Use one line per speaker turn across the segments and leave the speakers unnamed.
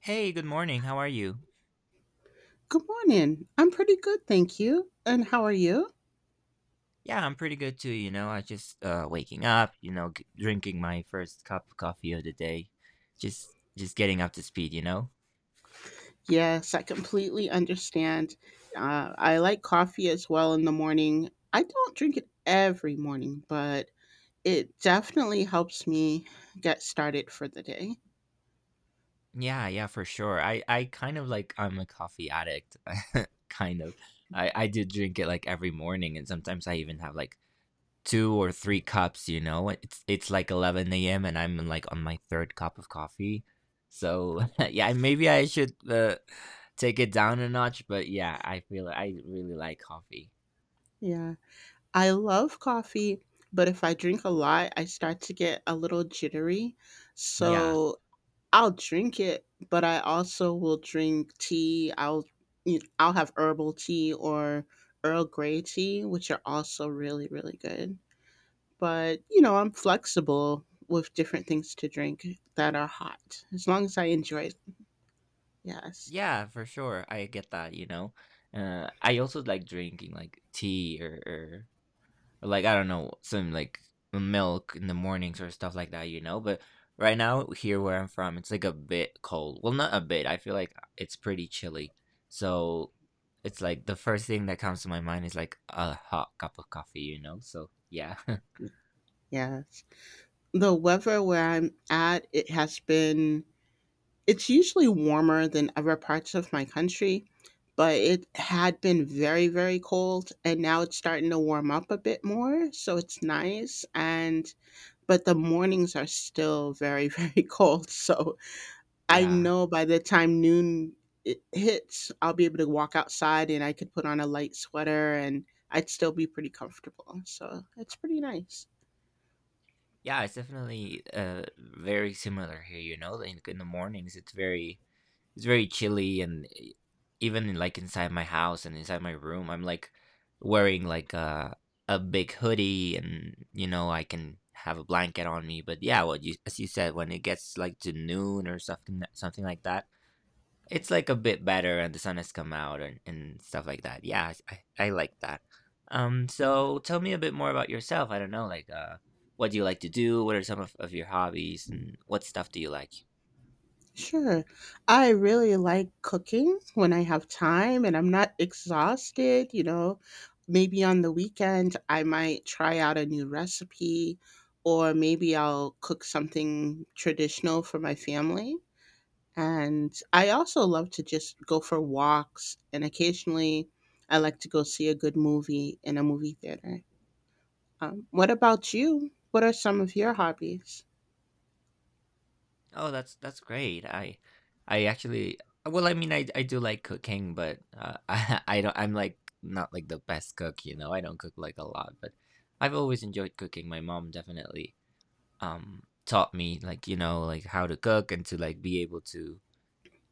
Hey, good morning. How are you?
Good morning. I'm pretty good, thank you. And how are you?
Yeah, I'm pretty good too. You know, I just waking up, you know, drinking my first cup of coffee of the day. Just getting up to speed, you know?
Yes, I completely understand. I like coffee as well in the morning. I don't drink it every morning, but it definitely helps me get started for the day.
Yeah, yeah, for sure. I kind of like I'm a coffee addict. Kind of. I do drink it like every morning and sometimes I even have like 2 or 3 cups, you know? It's like 11 AM and I'm, like, on my 3rd cup of coffee. So, yeah, maybe I should, take it down a notch, but yeah, I feel I really like coffee.
Yeah, I love coffee, but if I drink a lot, I start to get a little jittery.
Yeah.
So I'll drink it, but I also will drink tea. I'll have herbal tea or Earl Grey tea, which are also really, really good. But, you know, I'm flexible with different things to drink that are hot, as long as I enjoy it. Yes.
Yeah, for sure, I get that, you know? I also like drinking, like, tea or like I don't know some like milk in the mornings or stuff like that, you know. But right now here where I'm from, it's like a bit cold. Well, not a bit. I feel like it's pretty chilly. So it's like the first thing that comes to my mind is like a hot cup of coffee, you know. So yeah,
Yes. The weather where I'm at, it has been it's usually warmer than other parts of my country, but it had been very, very cold, and now it's starting to warm up a bit more, so it's nice, and but the mornings are still very, very cold. So I
yeah,
know by the time noon it hits, I'll be able to walk outside and I could put on a light sweater and I'd still be pretty comfortable, so it's pretty nice.
yeah. It's definitely very similar here, you know. Like in the mornings, it's very chilly and even in, like inside my house and inside my room I'm like wearing like a big hoodie, and you know I can have a blanket on me. But yeah, what you, as you said, when it gets like to noon or something like that, it's like a bit better and the sun has come out, and stuff like that. Yeah, I like that. So tell me a bit more about yourself. I don't know, like, what do you like to do? What are some of your hobbies, and what stuff do you like?
Sure. I really like cooking when I have time and I'm not exhausted. Maybe on the weekend, I might try out a new recipe, or maybe I'll cook something traditional for my family. And I also love to just go for walks, and occasionally, I like to go see a good movie in a movie theater. What about you? What are some of your hobbies?
Oh, that's great. I actually, well, I mean, I do like cooking, but I don't, I'm like not like the best cook, you know. I don't cook like a lot, but I've always enjoyed cooking. My mom definitely taught me, like, you know, like how to cook and to like be able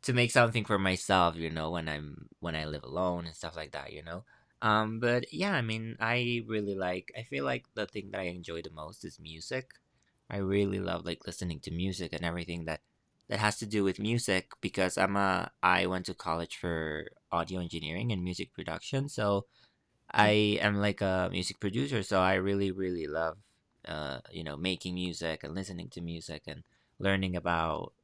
to make something for myself, you know, when I live alone and stuff like that, you know. But yeah, I mean, I really like. I feel like the thing that I enjoy the most is music. I really love like listening to music and everything that has to do with music, because I went to college for audio engineering and music production, so I am like a music producer, so I really, really love, you know, making music and listening to music and learning about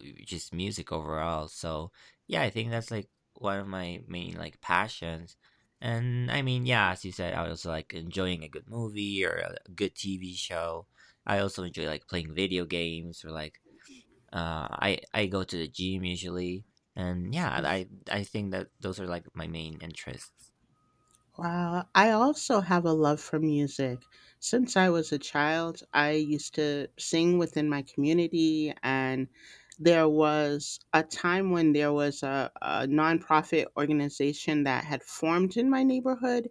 just music overall. So yeah, I think that's like one of my main like passions. And I mean, yeah, as you said, I also like enjoying a good movie or a good TV show. I also enjoy like playing video games, or like I go to the gym usually. And yeah, I think that those are like my main interests.
Wow, I also have a love for music. Since I was a child, I used to sing within my community, and there was a time when there was a nonprofit organization that had formed in my neighborhood,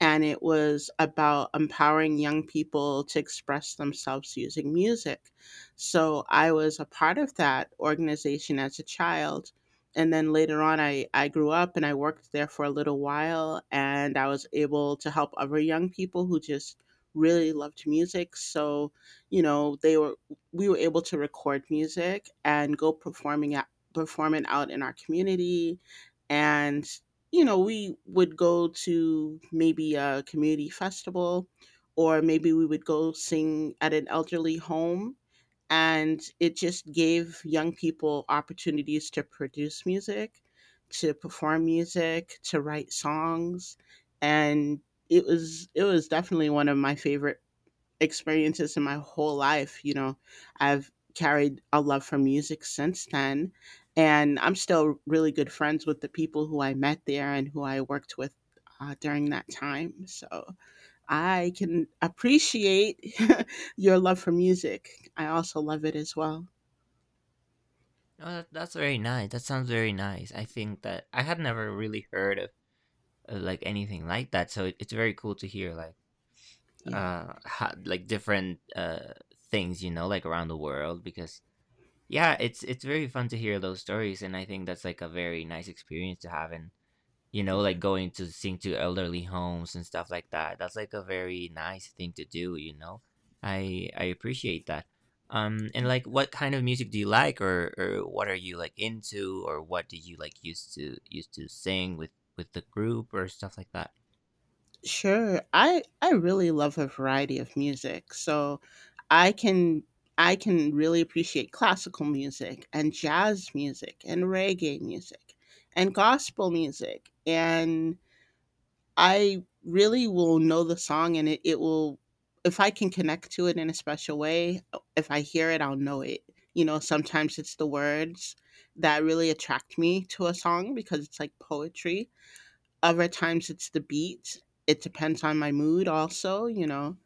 and it was about empowering young people to express themselves using music. So I was a part of that organization as a child, and then later on, I grew up and I worked there for a little while, and I was able to help other young people who just really loved music. So, you know, they were we were able to record music and go performing out in our community. And we would go to maybe a community festival, or maybe we would go sing at an elderly home, and it just gave young people opportunities to produce music, to perform music, to write songs. And it was definitely one of my favorite experiences in my whole life. You know, I've carried a love for music since then, and I'm still really good friends with the people who I met there and who I worked with during that time. So I can appreciate your love for music. I also love it as well.
No, that's very nice. That sounds very nice. I think that I had never really heard of like anything like that. So it, it's very cool to hear like
Yeah.
like different things, you know, like around the world, because yeah, it's very fun to hear those stories, and I think that's like a very nice experience to have. And you know, like going to sing to elderly homes and stuff like that. That's like a very nice thing to do, you know. I appreciate that. And like, what kind of music do you like, or what are you like into, or what do you like used to sing with the group or stuff like that?
Sure. I really love a variety of music. So I can really appreciate classical music and jazz music and reggae music and gospel music. And I really will know the song, and it will, if I can connect to it in a special way, if I hear it, I'll know it. You know, sometimes it's the words that really attract me to a song because it's like poetry. Other times it's the beat. It depends on my mood also. You know,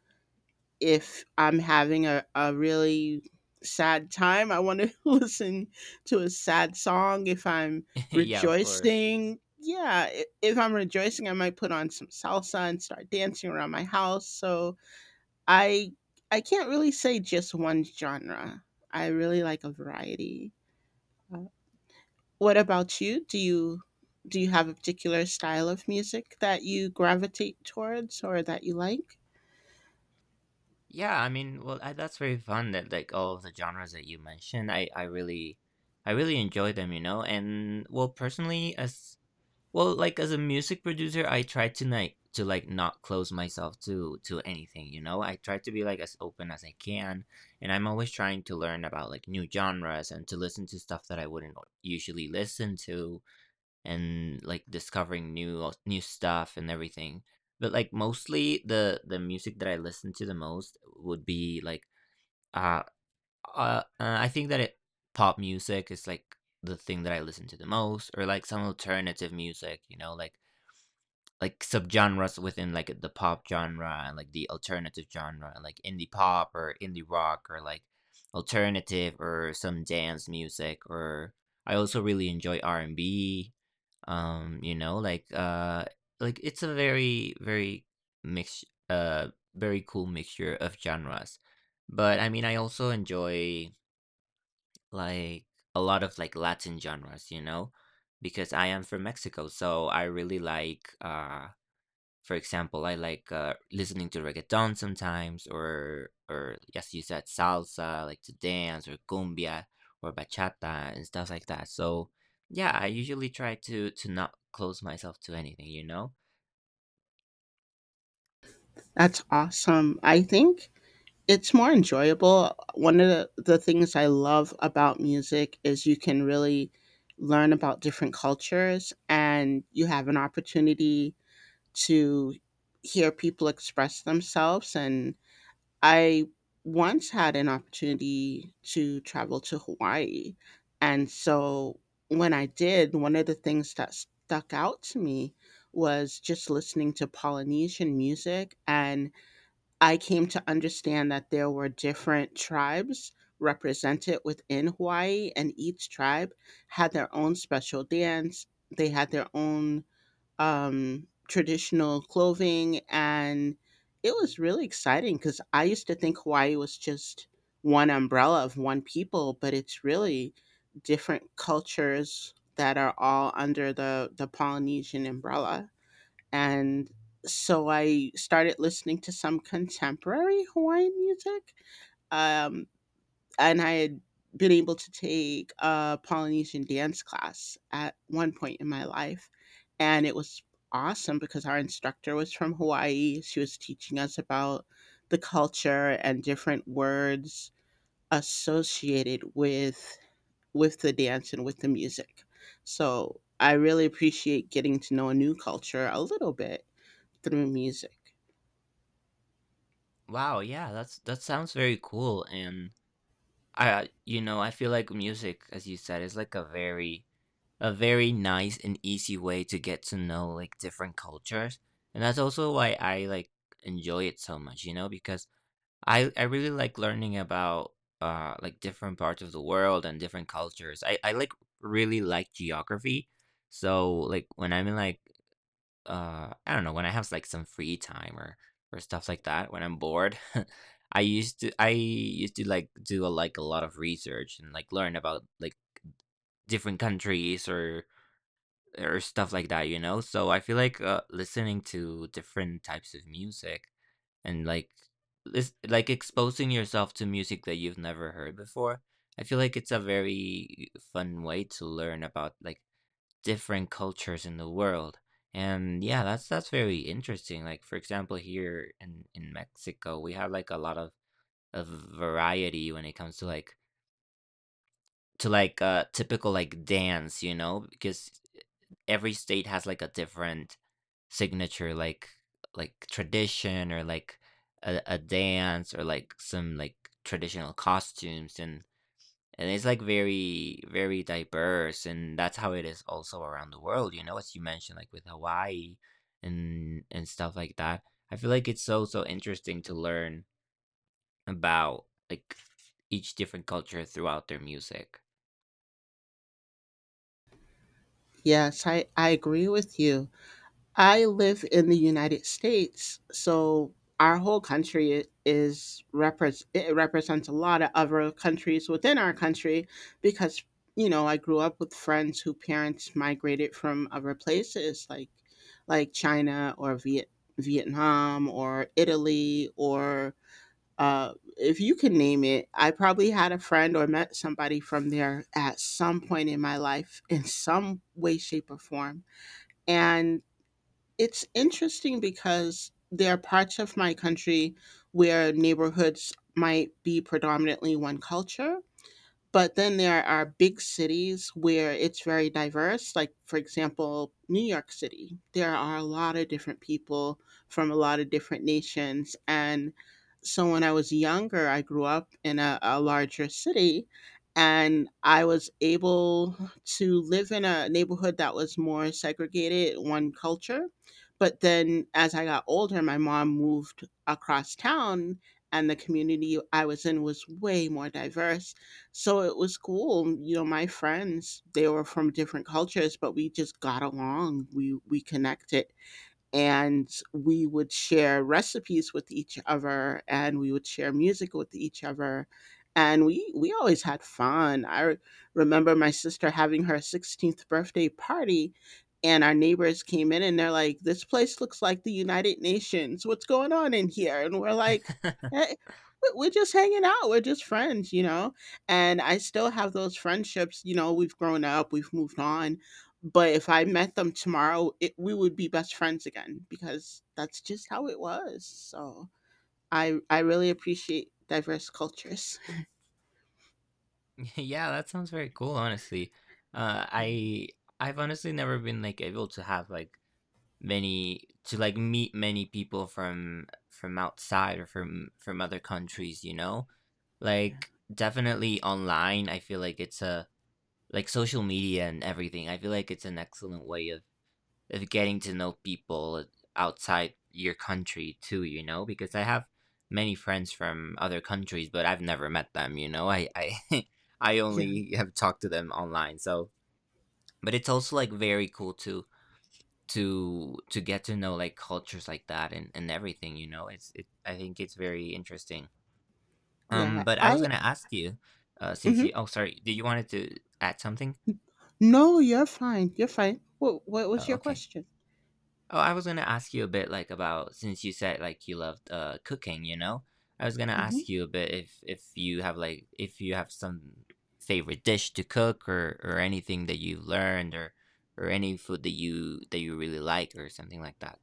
if I'm having a really sad time, I want to listen to a sad song. If I'm
Yeah, of course.
rejoicing, yeah, I- if I'm rejoicing, I might put on some salsa and start dancing around my house. So I I can't really say just one genre. I really like a variety. Uh, What about you? Do you have a particular style of music that you gravitate towards or that you like?
Yeah, I mean, well, I, that's very fun that like all of the genres that you mentioned. I really I really enjoy them, you know. And well, personally, as Well, like as a music producer, I try to like not close myself to anything, you know? I try to be like as open as I can, and I'm always trying to learn about like new genres and to listen to stuff that I wouldn't usually listen to and like discovering new stuff and everything. But like mostly the music that I listen to the most would be like uh, I think that it pop music is like the thing that I listen to the most, or like some alternative music, you know, like subgenres within like the pop genre and like the alternative genre, and like indie pop or indie rock or like alternative or some dance music. Or I also really enjoy R&B, you know, like it's a very very mix, uh very cool mixture of genres. But I mean I also enjoy like a lot of like Latin genres, you know, because I am from Mexico. So I really like for example, I like, listening to reggaeton sometimes, or yes, you said, salsa, like to dance, or cumbia, or bachata, and stuff like that. So, yeah, I usually try to not close myself to anything, you know.
That's awesome. I think it's more enjoyable. One of the things I love about music is you can really learn about different cultures, and you have an opportunity to hear people express themselves. And I once had an opportunity to travel to Hawaii, and so when I did, one of the things that stuck out to me was just listening to Polynesian music. And I came to understand that there were different tribes represented within Hawaii, and each tribe had their own special dance. They had their own traditional clothing, and it was really exciting because I used to think Hawaii was just one umbrella of one people, but it's really different cultures that are all under the Polynesian umbrella. And so I started listening to some contemporary Hawaiian music. Um, and I had been able to take a Polynesian dance class at one point in my life, and it was awesome because our instructor was from Hawaii. She was teaching us about the culture and different words associated with the dance and with the music. So I really appreciate getting to know a new culture a little bit through music.
Wow, yeah, that's that sounds very cool, and I, you know, I feel like music, as you said, is like a very nice and easy way to get to know like different cultures, and that's also why I like enjoy it so much, you know, because I really like learning about like different parts of the world and different cultures. I really like geography. So like when I'm in like I don't know, when I have like some free time or stuff like that, when I'm bored, I used to like do a, like a lot of research, and like learn about like different countries or stuff like that, you know? So I feel like, listening to different types of music and like like exposing yourself to music that you've never heard before. I feel like it's a very fun way to learn about like different cultures in the world. And yeah, that's very interesting. Like for example, here in Mexico, we have like a lot of variety when it comes to like a typical like dance, you know, because every state has like a different signature like tradition or like a dance or like some like traditional costumes, and it's like very very diverse, and that's how it is also around the world, you know, as you mentioned, like with Hawaii and stuff like that. I feel like it's so so interesting to learn about like each different culture throughout their music.
Yes, I agree with you. I live in the United States, so our whole country is repres it represents a lot of other countries within our country. Because, you know, I grew up with friends who parents migrated from other places like China or Vietnam or Italy or if you can name it, I probably had a friend or met somebody from there at some point in my life in some way, shape, or form. And it's interesting because there are parts of my country where neighborhoods might be predominantly one culture, but then there are big cities where it's very diverse, like, for example, New York City. There are a lot of different people from a lot of different nations. And so when I was younger, I grew up in a larger city, and I was able to live in a neighborhood that was more segregated, one culture. But then as I got older, my mom moved across town and the community I was in was way more diverse, so it was cool. You know, my friends, they were from different cultures, but we just got along. We connected, and we would share recipes with each other and we would share music with each other, and we always had fun. I remember my sister having her 16th birthday party, and our neighbors came in and they're like, this place looks like the United Nations, what's going on in here? And we're like, hey, we're just hanging out, we're just friends, you know. And I still have those friendships. You know, we've grown up, we've moved on, but if I met them tomorrow, it, we would be best friends again because that's just how it was. So I really appreciate diverse cultures.
Yeah, that sounds very cool, honestly. Uh,
Yeah,
I I've honestly never been like able to have like many to like meet many people from outside or from other countries, you know?
yeah,
Like definitely online, I feel like it's a like social media and everything. I feel like it's an excellent way of getting to know people outside your country too, you know, because I have many friends from other countries, but I've never met them, you know. I I
yeah,
only have talked to them online. So, but it's also like very cool to to get to know like cultures like that and everything, you know. It's it I think it's very interesting.
yeah.
But I was
I
gonna ask you, since you
Mhm.
oh sorry, did you wanted to add something?
No, you're fine. You're fine. What was
Oh,
your
okay.
question?
Oh, I was gonna ask you a bit like about, since you said like you loved cooking, you know? I was gonna ask
Mhm.
you a bit if you have like if you have some favorite dish to cook or anything that you've learned, or any food that you really like or something like that.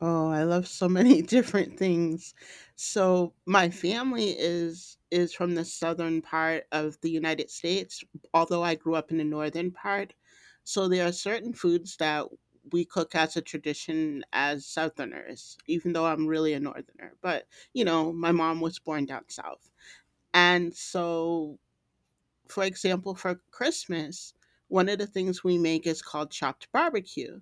Oh, I love so many different things. So my family is from the southern part of the United States, although I grew up in the northern part. So there are certain foods that we cook as a tradition as southerners, even though I'm really a northerner. But, you know, my mom was born down south. And so, for example, for Christmas, one of the things we make is called chopped barbecue.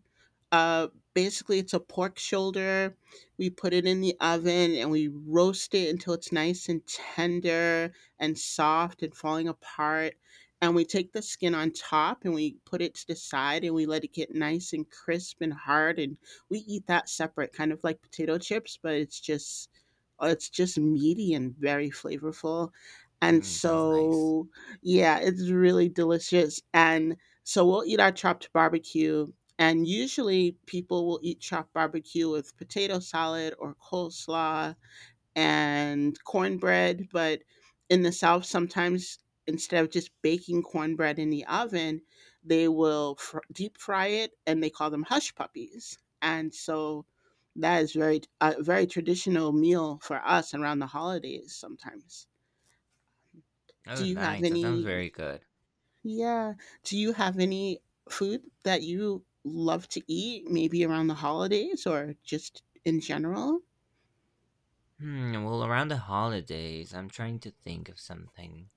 Uh, basically, it's a pork shoulder. We put it in the oven and we roast it until it's nice and tender and soft and falling apart. And we take the skin on top and we put it to the side and we let it get nice and crisp and hard. And we eat that separate, kind of like potato chips, but it's just meaty and very flavorful. And
Mm, sounds nice.
so, yeah, it's really delicious. And so we'll eat our chopped barbecue, and usually people will eat chopped barbecue with potato salad or coleslaw and cornbread. But in the South, sometimes instead of just baking cornbread in the oven, they will deep fry it and they call them hush puppies. And so that is very a very traditional meal for us around the holidays sometimes. Do
Oh,
you have
nice. That sounds
any
very good.
yeah. Do you have any food that you love to eat, maybe around the holidays or just in general?
Hmm, well, around the holidays, I'm trying to think of something.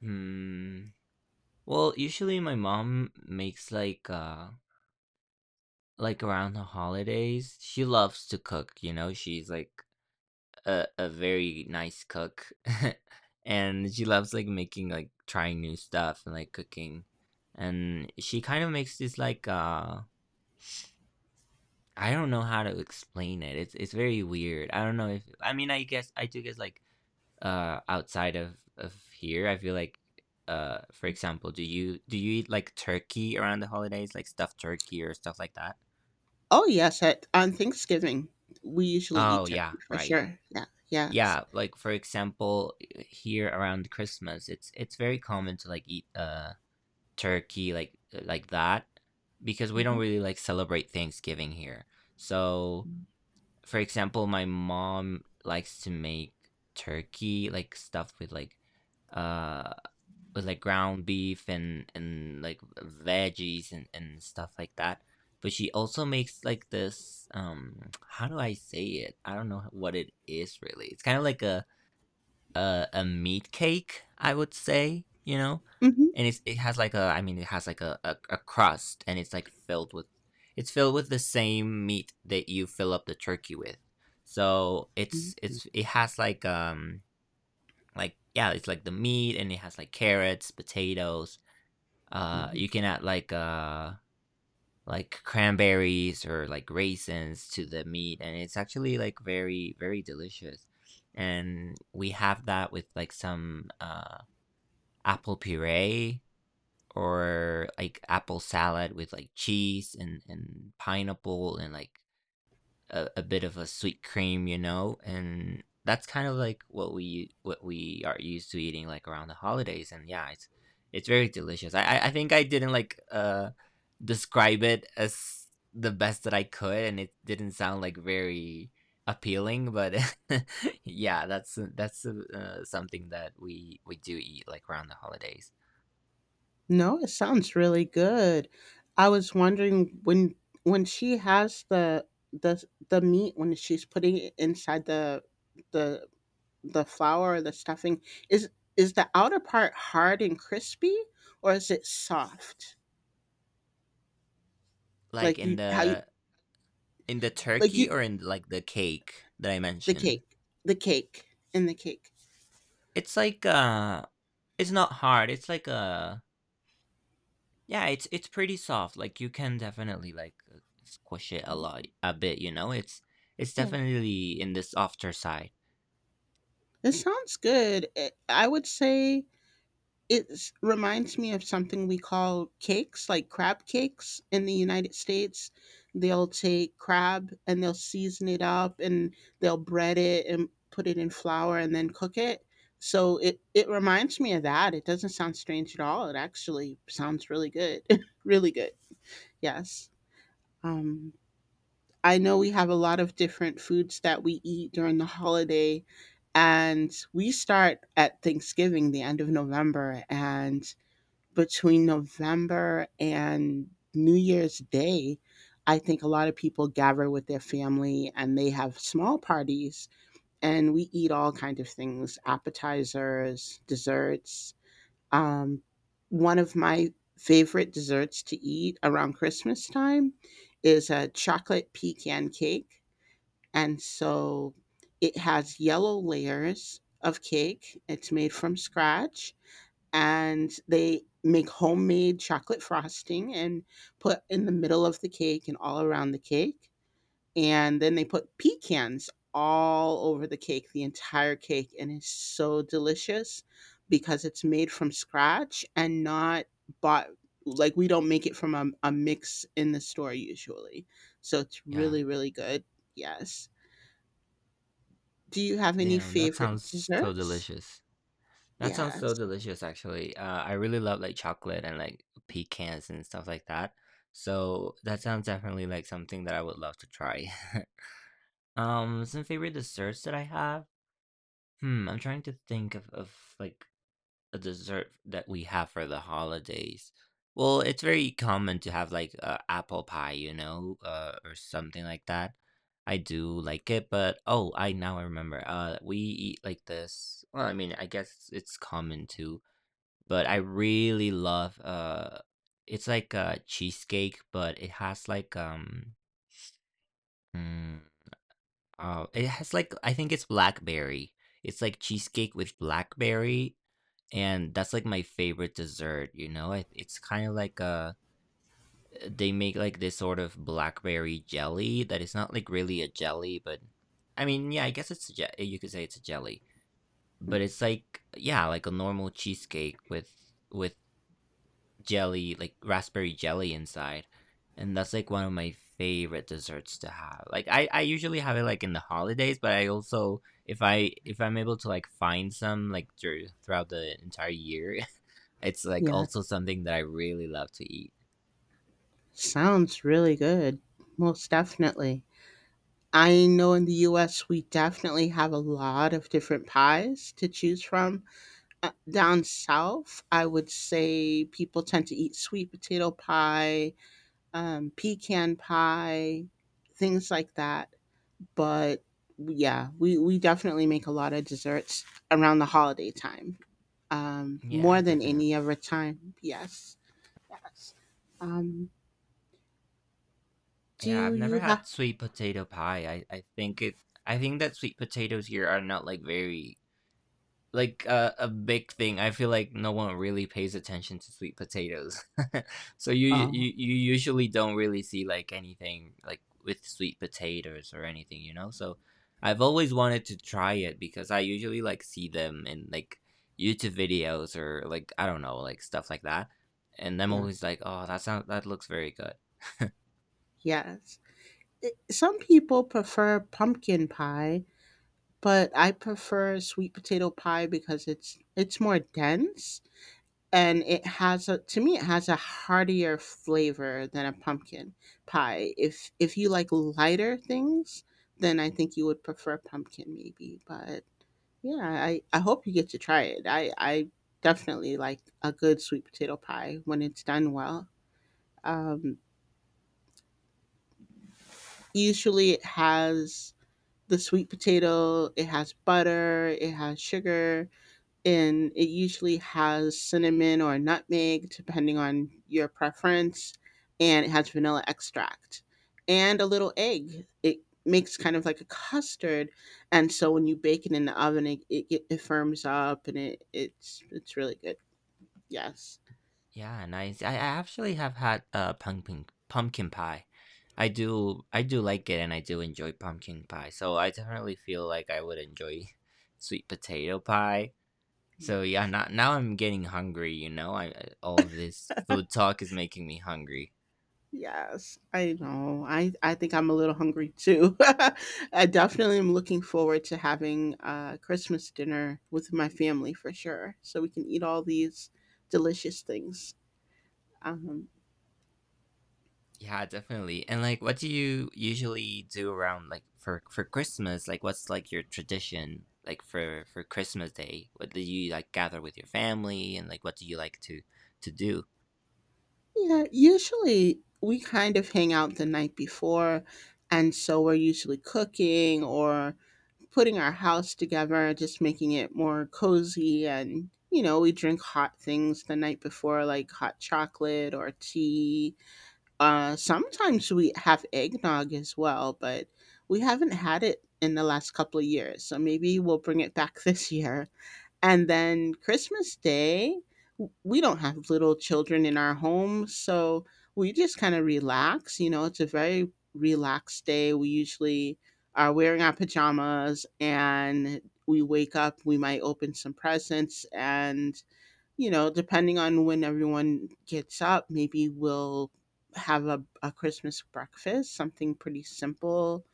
Hmm. Well, usually my mom makes like around the holidays, she loves to cook, you know, she's like a very nice cook. And she loves like making like trying new stuff and like cooking. And she kind of makes this like I don't know how to explain it. It's very weird. I don't know if I mean I guess I do guess like outside of here, I feel like for example, do you eat like turkey around the holidays, like stuffed turkey or stuff like that?
Oh, yes. At, on Thanksgiving, we usually
Oh
eat
yeah,
turkey for
right.
sure. Yeah. Yes.
Yeah, like for example, here around Christmas, it's very common to like eat turkey like that because we don't
Hmm.
really like celebrate Thanksgiving here. So, for example, my mom likes to make turkey like stuffed uh with like ground beef and like veggies and stuff like that. But she also makes like this how do I say it? I don't know what it is really. It's kind of like a meat cake, I would say, you know?
Hmm.
And it has like a I mean, it has like a crust, and it's, like, filled with. It's filled with the same meat that you fill up the turkey with. So, it has like yeah, it's like the meat, and it has, like, carrots, potatoes.
Hmm.
You can add, like cranberries or like raisins to the meat, and it's actually like very delicious, and we have that with like some apple puree or like apple salad with like cheese and pineapple and like a bit of a sweet cream, you know, and that's kind of like what we are used to eating like around the holidays, and yeah, it's very delicious. I think I didn't like describe it as the best that I could, and it didn't sound like very appealing, but yeah, that's something that we do eat like around the holidays,
No, it sounds really good. I was wondering, when she has the the meat, when she's putting it inside the the flour or the stuffing, is is the outer part hard and crispy, or is it soft?
like
Like you how you
in the
like
turkey
you
or in like the cake that I
the
mentioned.
cake the cake In the cake.
It's like, it's not hard, it's like a yeah, it's pretty soft, like, you can definitely, like, squish it a lot a bit, you know? It's
Yeah,
definitely in the softer side.
it sounds good. I would say, it reminds me of something we call cakes, like crab cakes in the United States. They'll take crab and they'll season it up, and they'll bread it and put it in flour and then cook it. So it reminds me of that. It doesn't sound strange at all. It actually sounds really good. Really good. Yes. Um, I know we have a lot of different foods that we eat during the holiday, and we start at Thanksgiving, the end of November, and between November and New Year's Day, I think a lot of people gather with their family and they have small parties, and we eat all kind of things, appetizers, desserts. Um, One of my favorite desserts to eat around Christmas time is a chocolate pecan cake. And so it has yellow layers of cake. It's made from scratch, and they make homemade chocolate frosting and put in the middle of the cake and all around the cake. And then they put pecans all over the cake, the entire cake, and it's so delicious because it's made from scratch and not bought. Like, we don't make it from a mix in the store usually. So it's
Yeah.
really, really good. Yes. Do you have any
Damn, that
favorite
sounds so
desserts?
delicious. That sounds so
Yes.
delicious, actually. I really love, like, chocolate and, like, pecans and stuff like that, so that sounds definitely like something that I would love to try. Some favorite desserts that I have? Hmm, I'm trying to think of like, a dessert that we have for the holidays. Well, it's very common to have like apple pie, you know, or something like that. I do like it, but oh, I now I remember. We eat like this. Well, I mean, I guess it's common too, but I really love it's like a cheesecake, but it has like mm, it has like I think it's blackberry. It's like cheesecake with blackberry, and that's like my favorite dessert, you know. It's kind of like a they make like this sort of blackberry jelly that is not like really a jelly but I mean yeah I guess you could say it's a jelly,
Mm.
but it's like yeah like a normal cheesecake with jelly like raspberry jelly inside, and that's like one of my favorite desserts to have. Like I usually have it like in the holidays, but I also if I if I'm able to like find some like throughout the entire year, it's like
Yeah.
also something that I really love to eat.
Sounds really good. Most definitely. I know in the US, we definitely have a lot of different pies to choose from. Down south, I would say people tend to eat sweet potato pie, pecan pie, things like that. But yeah, we definitely make a lot of desserts around the holiday time, more
Yeah,
than
definitely.
any other time. Yes, yes. Um,
Yeah,
do
I've never
you
had
have?
sweet potato pie. I think it I think that sweet potatoes here are not like very like a big thing. I feel like no one really pays attention to sweet potatoes. So you
Oh,
you you usually don't really see like anything like with sweet potatoes or anything, you know? So I've always wanted to try it because I usually like see them in like YouTube videos or like I don't know, like stuff like that. And I'm
yeah.
always like, "Oh, that sounds that looks very good."
Yes. Some people prefer pumpkin pie, but I prefer sweet potato pie because it's more dense, and it has a— to me it has a heartier flavor than a pumpkin pie. If you like lighter things, then I think you would prefer pumpkin maybe, but yeah, I hope you get to try it. I definitely like a good sweet potato pie when it's done well. Um, usually it has the sweet potato, it has butter, it has sugar, and it usually has cinnamon or nutmeg, depending on your preference, and it has vanilla extract and a little egg. It makes kind of like a custard, and so when you bake it in the oven, it firms up and it's really good. Yes,
Yeah, nice. I actually have had pumpkin pie. I do like it and I do enjoy pumpkin pie. So I definitely feel like I would enjoy sweet potato pie. So yeah,
yes.
not now I'm getting hungry, you know. I all of this food talk is making me hungry.
Yes, I know. I think I'm a little hungry too. I definitely am looking forward to having Christmas dinner with my family for sure, so we can eat all these delicious things. Um,
Yeah, definitely. And like what do you usually do around like for Christmas? Like what's like your tradition like for Christmas Day? What do you like gather with your family and like what do you like to do?
yeah, usually we kind of hang out the night before, and so we're usually cooking or putting our house together, just making it more cozy. And, you know, we drink hot things the night before, like hot chocolate or tea. Sometimes we have eggnog as well, but we haven't had it in the last couple of years. So maybe we'll bring it back this year. And then Christmas Day, we don't have little children in our home. So we just kind of relax. You know, it's a very relaxed day. We usually are wearing our pajamas and we wake up, we might open some presents, and you know, depending on when everyone gets up, maybe we'll have a Christmas breakfast, something pretty simple,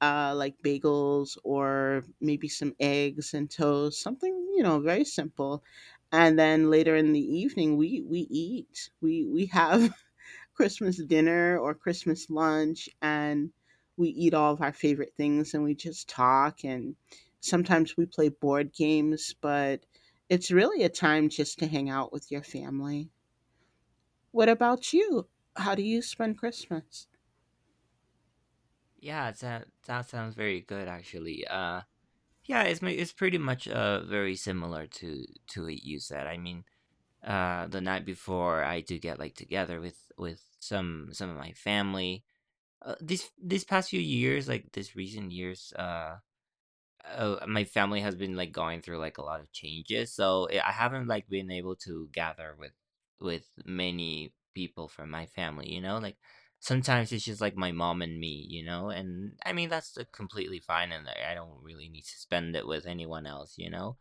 like bagels or maybe some eggs and toast, something, you know, very simple. And then later in the evening, we have Christmas dinner or Christmas lunch, and we eat all of our favorite things and we just talk, and sometimes we play board games, but it's really a time just to hang out with your family. What about you? How do you spend Christmas?
Yeah, it sound that sounds very good actually. Yeah, it's pretty much very similar to what you said. I mean, the night before I do get like together with some of my family. These past few years, like these recent years, my family has been like going through like a lot of changes, so I haven't like been able to gather with many people from my family. You know, like sometimes it's just like my mom and me. You know, and I mean that's completely fine, and I don't really need to spend it with anyone else. You know,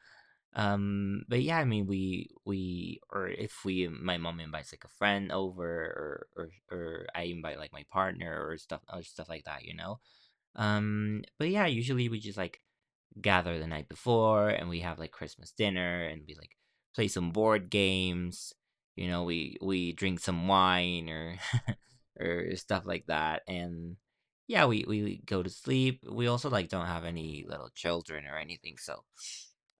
but yeah, I mean we or if we my mom invites like a friend over, or I invite like my partner or stuff like that. You know, but yeah, usually we just like gather the night before and we have like Christmas dinner and we like play some board games. You know, we drink some wine or or stuff like that. And yeah, we go to sleep. We also like don't have any little children or anything, so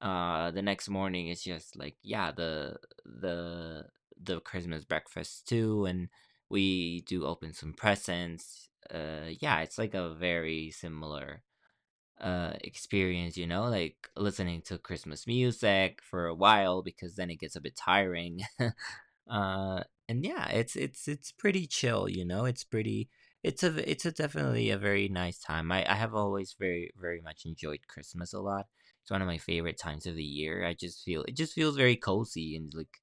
the next morning it's just like yeah the the Christmas breakfast too, and we do open some presents. Yeah, it's like a very similar experience, you know, like listening to Christmas music for a while because then it gets a bit tiring. And yeah, it's pretty chill, you know. It's pretty it's a it's a definitely a very nice time. I have always very much enjoyed Christmas a lot. It's one of my favorite times of the year. I just feel It just feels very cozy and like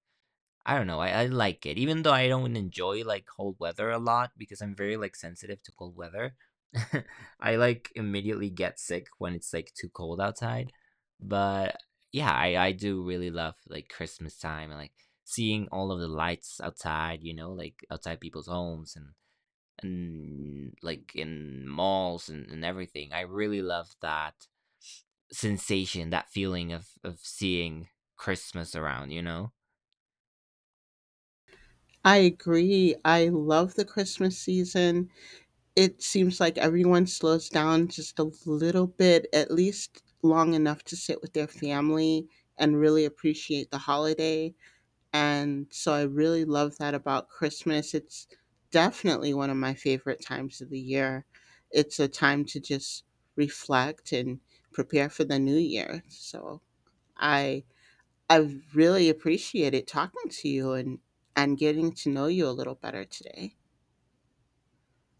I don't know. I like it, even though I don't enjoy like cold weather a lot because I'm very like sensitive to cold weather. I like immediately get sick when it's like too cold outside. But yeah, I do really love like Christmas time and like seeing all of the lights outside. You know, like outside people's homes and like in malls and everything. I really love that sensation, that feeling of seeing Christmas around. You know.
I agree. I love the Christmas season. It seems like everyone slows down just a little bit, at least long enough to sit with their family and really appreciate the holiday. And so I really love that about Christmas. It's definitely one of my favorite times of the year. It's a time to just reflect and prepare for the new year. So I I really appreciated talking to you and getting to know you a little better today.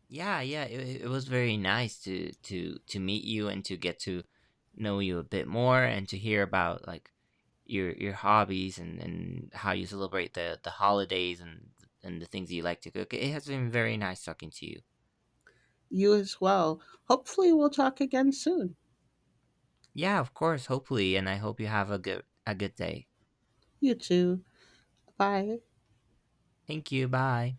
Yeah, yeah, it was very nice to to meet you and to get to know you a bit more and to hear about like your hobbies and how you celebrate the holidays and the things that you like to cook. It has been very nice talking to you.
You as well. Hopefully we'll talk again soon.
Yeah, of course, hopefully, and I hope you have a good day.
You too. Bye.
Thank you. Bye.